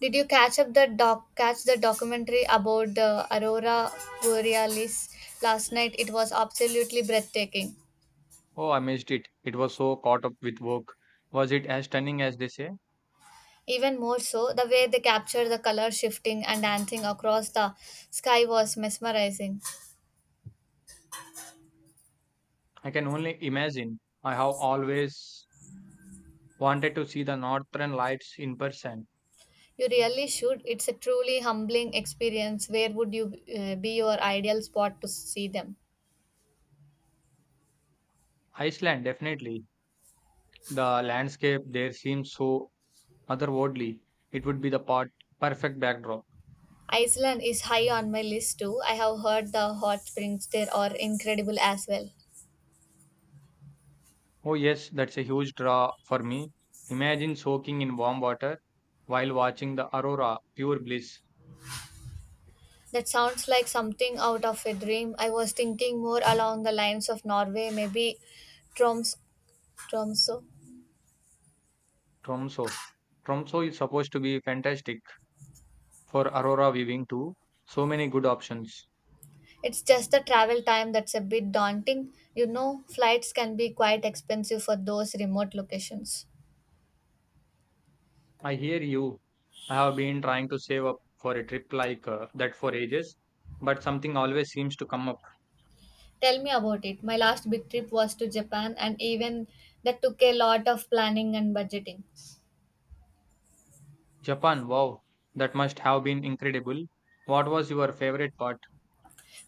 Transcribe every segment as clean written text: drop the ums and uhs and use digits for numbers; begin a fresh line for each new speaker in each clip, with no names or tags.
Did you catch the documentary about the aurora borealis last night? It was absolutely breathtaking.
Oh, I missed it. It was so caught up with work. Was it as stunning as they say?
Even more so, the way they captured the color shifting and dancing across the sky was mesmerizing.
I can only imagine. I have always wanted to see the northern lights in person.
You really should. It's a truly humbling experience. Where would you be your ideal spot to see them?
Iceland, definitely. The landscape there seems so otherworldly. It would be the part perfect backdrop.
Iceland is high on my list too. I have heard the hot springs there are incredible as well.
Oh yes, that's a huge draw for me. Imagine soaking in warm water while watching the aurora, pure bliss.
That sounds like something out of a dream. I was thinking more along the lines of Norway, maybe Troms, Tromso.
Tromso. Tromso is supposed to be fantastic for aurora viewing too. So many good options.
It's just the travel time that's a bit daunting. You know, flights can be quite expensive for those remote locations.
I hear you. I have been trying to save up for a trip like that for ages, but something always seems to come up.
Tell me about it. My last big trip was to Japan, and even that took a lot of planning and budgeting.
Japan, wow, that must have been incredible. What was your favorite part?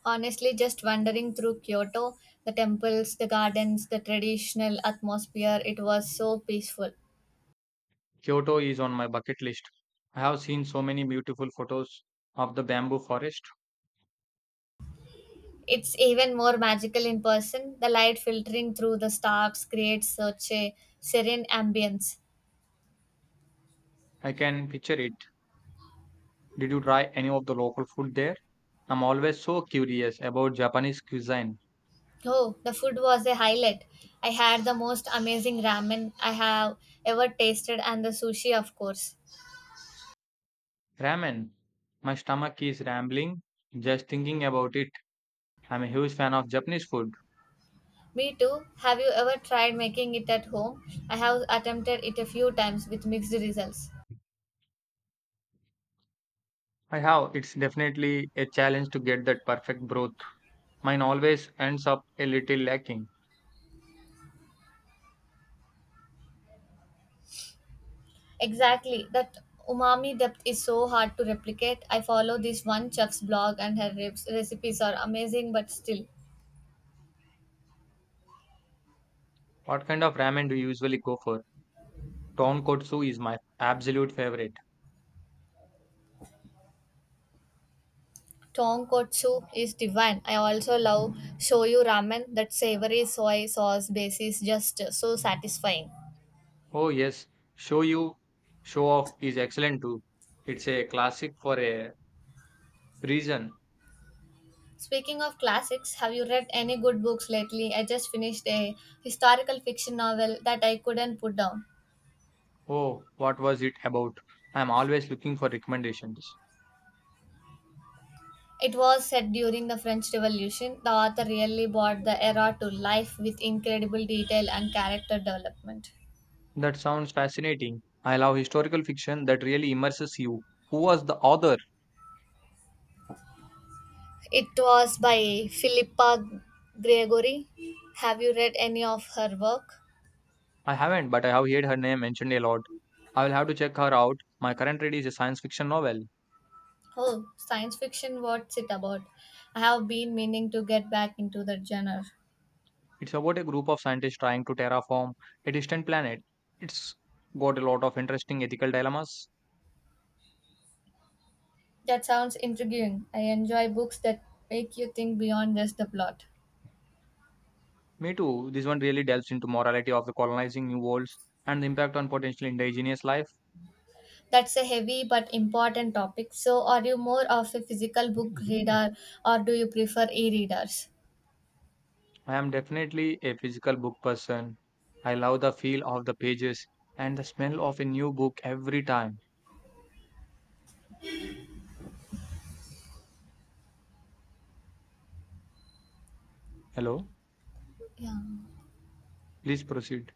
Honestly, just wandering through Kyoto, the temples, the gardens, the traditional atmosphere, it was so peaceful.
Kyoto is on my bucket list. I have seen so many beautiful photos of the bamboo forest.
It's even more magical in person. The light filtering through the stars creates such a serene ambience.
I can picture it. Did you try any of the local food there? I'm always so curious about Japanese cuisine.
Oh, the food was a highlight. I had the most amazing ramen I have ever tasted and the sushi, of course.
Ramen. My stomach is rambling just thinking about it. I'm a huge fan of Japanese food.
Me too. Have you ever tried making it at home? I have attempted it a few times with mixed results.
I have. It's definitely a challenge to get that perfect broth. Mine always ends up a little lacking.
Exactly. That umami depth is so hard to replicate. I follow this one chef's blog and her recipes are amazing but still.
What kind of ramen do you usually go for? Tonkotsu is my absolute favorite.
Tonkotsu is divine. I also love shoyu ramen. That savory soy sauce base is just so satisfying.
Oh yes, show you show off is excellent too. It's a classic for a reason.
Speaking of classics, have you read any good books lately? I just finished a historical fiction novel that I couldn't put down.
Oh, what was it about? I'm always looking for recommendations.
It was set during the French Revolution. The author really brought the era to life with incredible detail and character development.
That sounds fascinating. I love historical fiction that really immerses you. Who was the author?
It was by Philippa Gregory. Have you read any of her work?
I haven't, but I have heard her name mentioned a lot. I will have to check her out. My current read is a science fiction novel.
Oh, science fiction, what's it about? I have been meaning to get back into that genre.
It's about a group of scientists trying to terraform a distant planet. It's got a lot of interesting ethical dilemmas.
That sounds intriguing. I enjoy books that make you think beyond just the plot.
Me too. This one really delves into morality of the colonizing new worlds and the impact on potential indigenous life.
That's a heavy but important topic. So, are you more of a physical book reader or do you prefer e readers?
I am definitely a physical book person. I love the feel of the pages and the smell of a new book every time. Hello,
Yeah.
please proceed.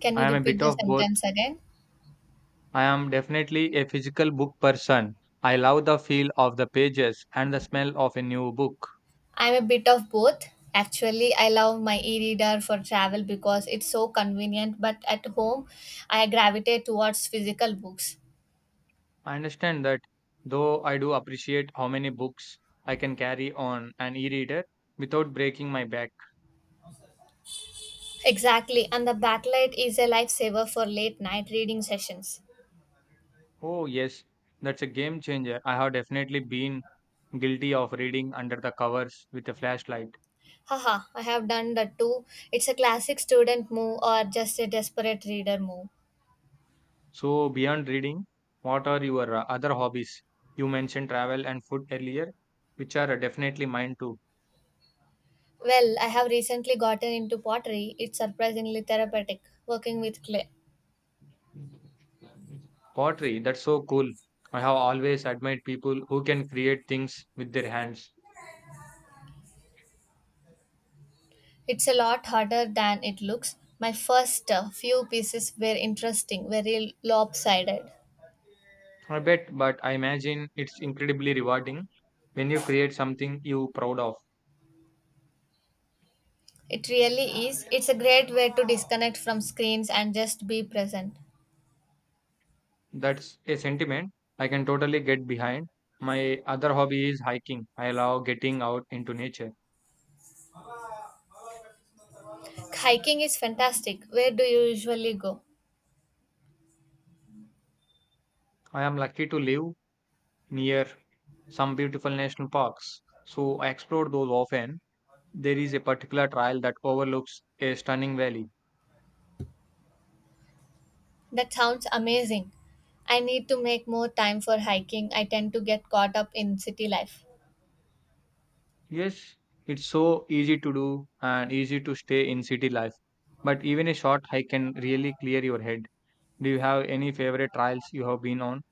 Can you
I am a
repeat
bit
the
of both.
sentence again?
I am definitely a physical book person. I love the feel of the pages and the smell of a new book.
I'm a bit of both. Actually, I love my e reader for travel because it's so convenient, but at home, I gravitate towards physical books.
I understand that, though I do appreciate how many books I can carry on an e reader without breaking my back.
Exactly, and the backlight is a lifesaver for late night reading sessions.
Oh, yes, that's a game changer. I have definitely been guilty of reading under the covers with a flashlight.
Haha, I have done that too. It's a classic student move or just a desperate reader move.
So, beyond reading, what are your other hobbies? You mentioned travel and food earlier, which are definitely mine too.
Well, I have recently gotten into pottery. It's surprisingly therapeutic working with clay.
Pottery, that's so cool. I have always admired people who can create things with their hands.
It's a lot harder than it looks. My first few pieces were interesting, very lopsided.
I bet, but I imagine it's incredibly rewarding when you create something you proud of.
It really is. It's a great way to disconnect from screens and just be present.
That's a sentiment I can totally get behind. My other hobby is hiking. I love getting out into nature.
Hiking is fantastic. Where do you usually go?
I am lucky to live near some beautiful national parks, so I explore those often. There is a particular trail that overlooks a stunning valley.
That sounds amazing. I need to make more time for hiking. I tend to get caught up in city life.
Yes, it's so easy to do and easy to stay in city life. But even a short hike can really clear your head. Do you have any favorite trails you have been on?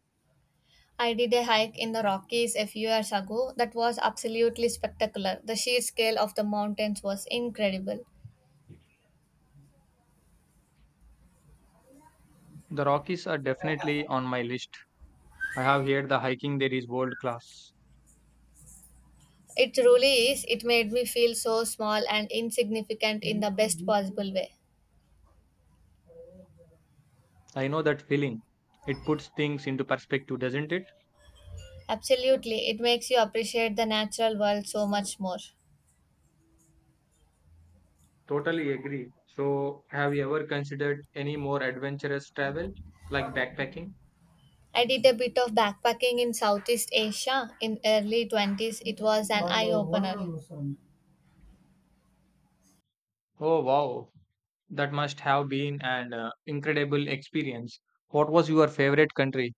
I did a hike in the Rockies a few years ago that was absolutely spectacular. The sheer scale of the mountains was incredible.
The Rockies are definitely on my list. I have heard the hiking there is world class.
It truly is. It made me feel so small and insignificant in the best possible way.
I know that feeling. It puts things into perspective, doesn't it?
Absolutely. It makes you appreciate the natural world so much more.
Totally agree. So, have you ever considered any more adventurous travel like backpacking?
I did a bit of backpacking in Southeast Asia in early 20s. It was an eye opener.
Oh, wow. That must have been an incredible experience. What was your favorite country?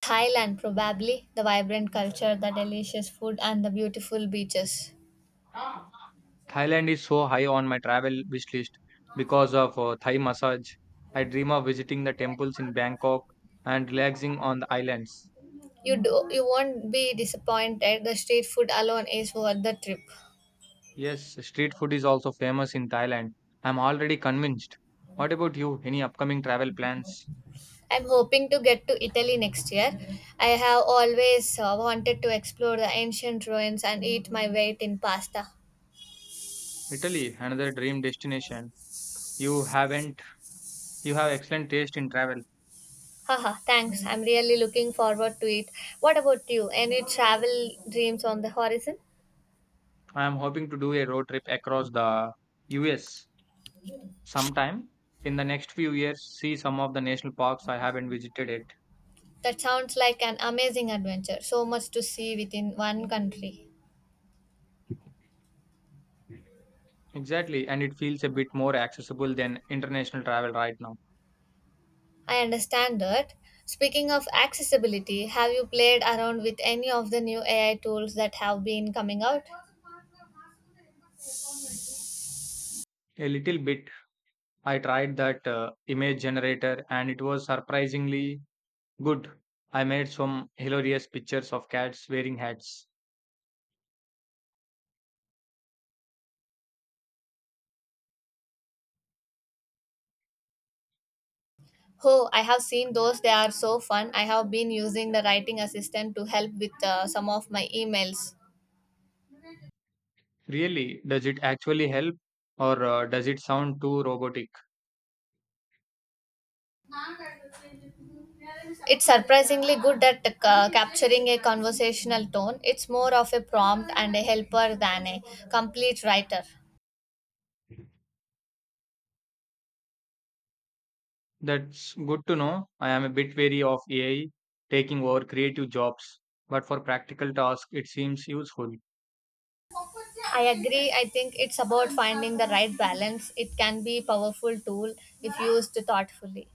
Thailand, probably the vibrant culture, the delicious food, and the beautiful beaches.
Thailand is so high on my travel wish list because of Thai massage. I dream of visiting the temples in Bangkok and relaxing on the islands.
You do, you won't be disappointed. The street food alone is worth the trip.
Yes, street food is also famous in Thailand. I'm already convinced. What about you? Any upcoming travel plans?
I'm hoping to get to Italy next year. I have always wanted to explore the ancient ruins and eat my weight in pasta.
Italy, another dream destination. You haven't, you have excellent taste in travel.
Haha, thanks. I'm really looking forward to it. What about you? Any travel dreams on the horizon?
I am hoping to do a road trip across the US sometime in the next few years, see some of the national parks I haven't visited yet.
That sounds like an amazing adventure. So much to see within one country.
Exactly, and it feels a bit more accessible than international travel right now.
I understand that. Speaking of accessibility, have you played around with any of the new AI tools that have been coming out?
A little bit. I tried that image generator and it was surprisingly good. I made some hilarious pictures of cats wearing hats.
Oh, I have seen those. They are so fun. I have been using the writing assistant to help with some of my emails.
Really, does it actually help or does it sound too robotic?
It's surprisingly good at capturing a conversational tone. It's more of a prompt and a helper than a complete writer.
That's good to know. I am a bit wary of AI taking over creative jobs, but for practical tasks, it seems useful.
I agree. I think it's about finding the right balance. It can be a powerful tool if used thoughtfully.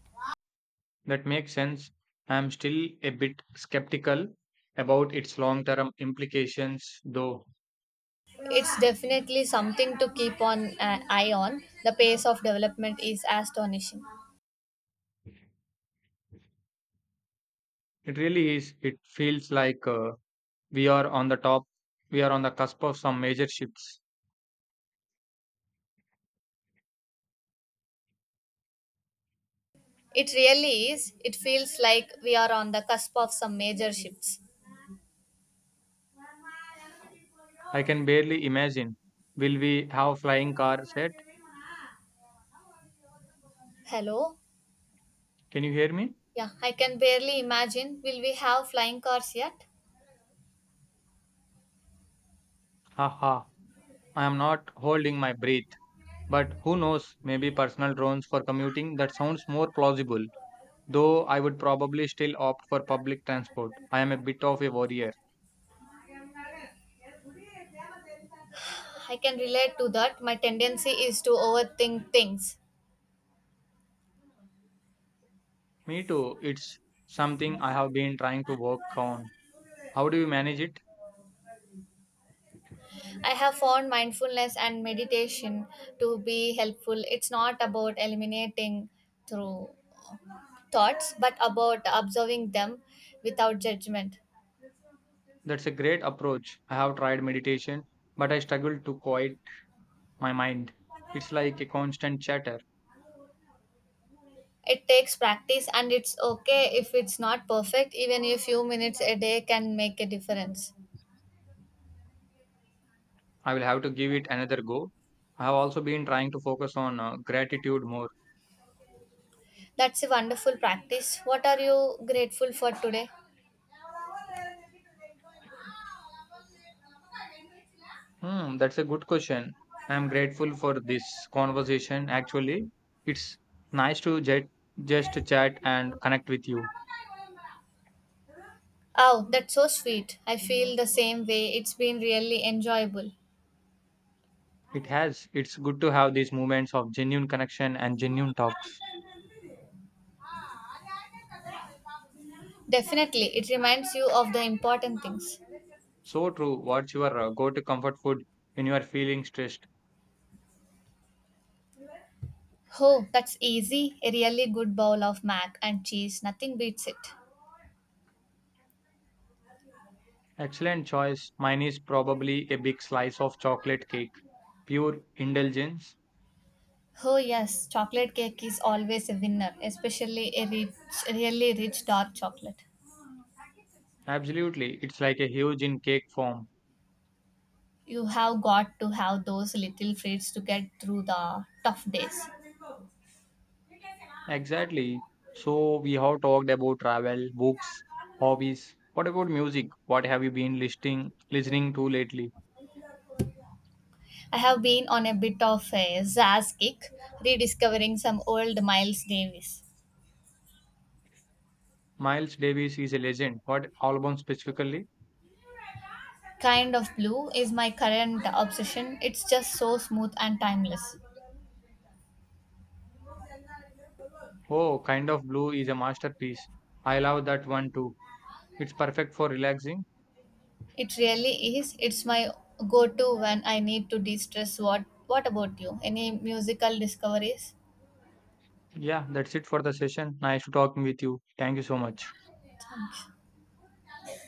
That makes sense. I'm still a bit skeptical about its long term implications, though.
It's definitely something to keep on an eye on. The pace of development is astonishing.
It really is. It feels like we are on the top, we are on the cusp of some major shifts.
It really is. It feels like we are on the cusp of some major shifts.
I can barely imagine. Will we have flying cars yet?
Hello?
Can you hear me?
Yeah, I can barely imagine. Will we have flying cars yet?
Haha. I am not holding my breath. But who knows? Maybe personal drones for commuting. That sounds more plausible. Though I would probably still opt for public transport. I am a bit of a warrior.
I can relate to that. My tendency is to overthink things.
Me too. It's something I have been trying to work on. How do you manage it?
I have found mindfulness and meditation to be helpful. It's not about eliminating through thoughts, but about observing them without judgment.
That's a great approach. I have tried meditation, but I struggle to quiet my mind. It's like a constant chatter.
It takes practice, and it's okay if it's not perfect, even a few minutes a day can make a difference.
I will have to give it another go. I have also been trying to focus on gratitude more.
That's a wonderful practice. What are you grateful for today?
Hmm, that's a good question. I am grateful for this conversation. Actually, it's nice to jet, just chat and connect with you.
Oh, that's so sweet. I feel the same way. It's been really enjoyable.
It has. It's good to have these moments of genuine connection and genuine talks.
Definitely, it reminds you of the important things.
So true. What's your go-to comfort food when you are feeling stressed?
Oh, that's easy. A really good bowl of mac and cheese, nothing beats it.
Excellent choice. Mine is probably a big slice of chocolate cake. Pure indulgence?
Oh, yes, chocolate cake is always a winner, especially a rich, really rich dark chocolate.
Absolutely. It's like a huge in cake form.
You have got to have those little treats to get through the tough days.
Exactly. So we have talked about travel, books, hobbies. What about music? What have you been listening to lately?
I have been on a bit of a zazz kick, rediscovering some old Miles Davis.
Miles Davis is a legend. What album specifically?
Kind of Blue is my current obsession. It's just so smooth and timeless.
Oh, Kind of Blue is a masterpiece. I love that one too. It's perfect for relaxing.
It really is. It's my go to when I need to de stress. What about you? Any musical discoveries?
Yeah, that's it for the session. Nice to talking with you. Thank you so much.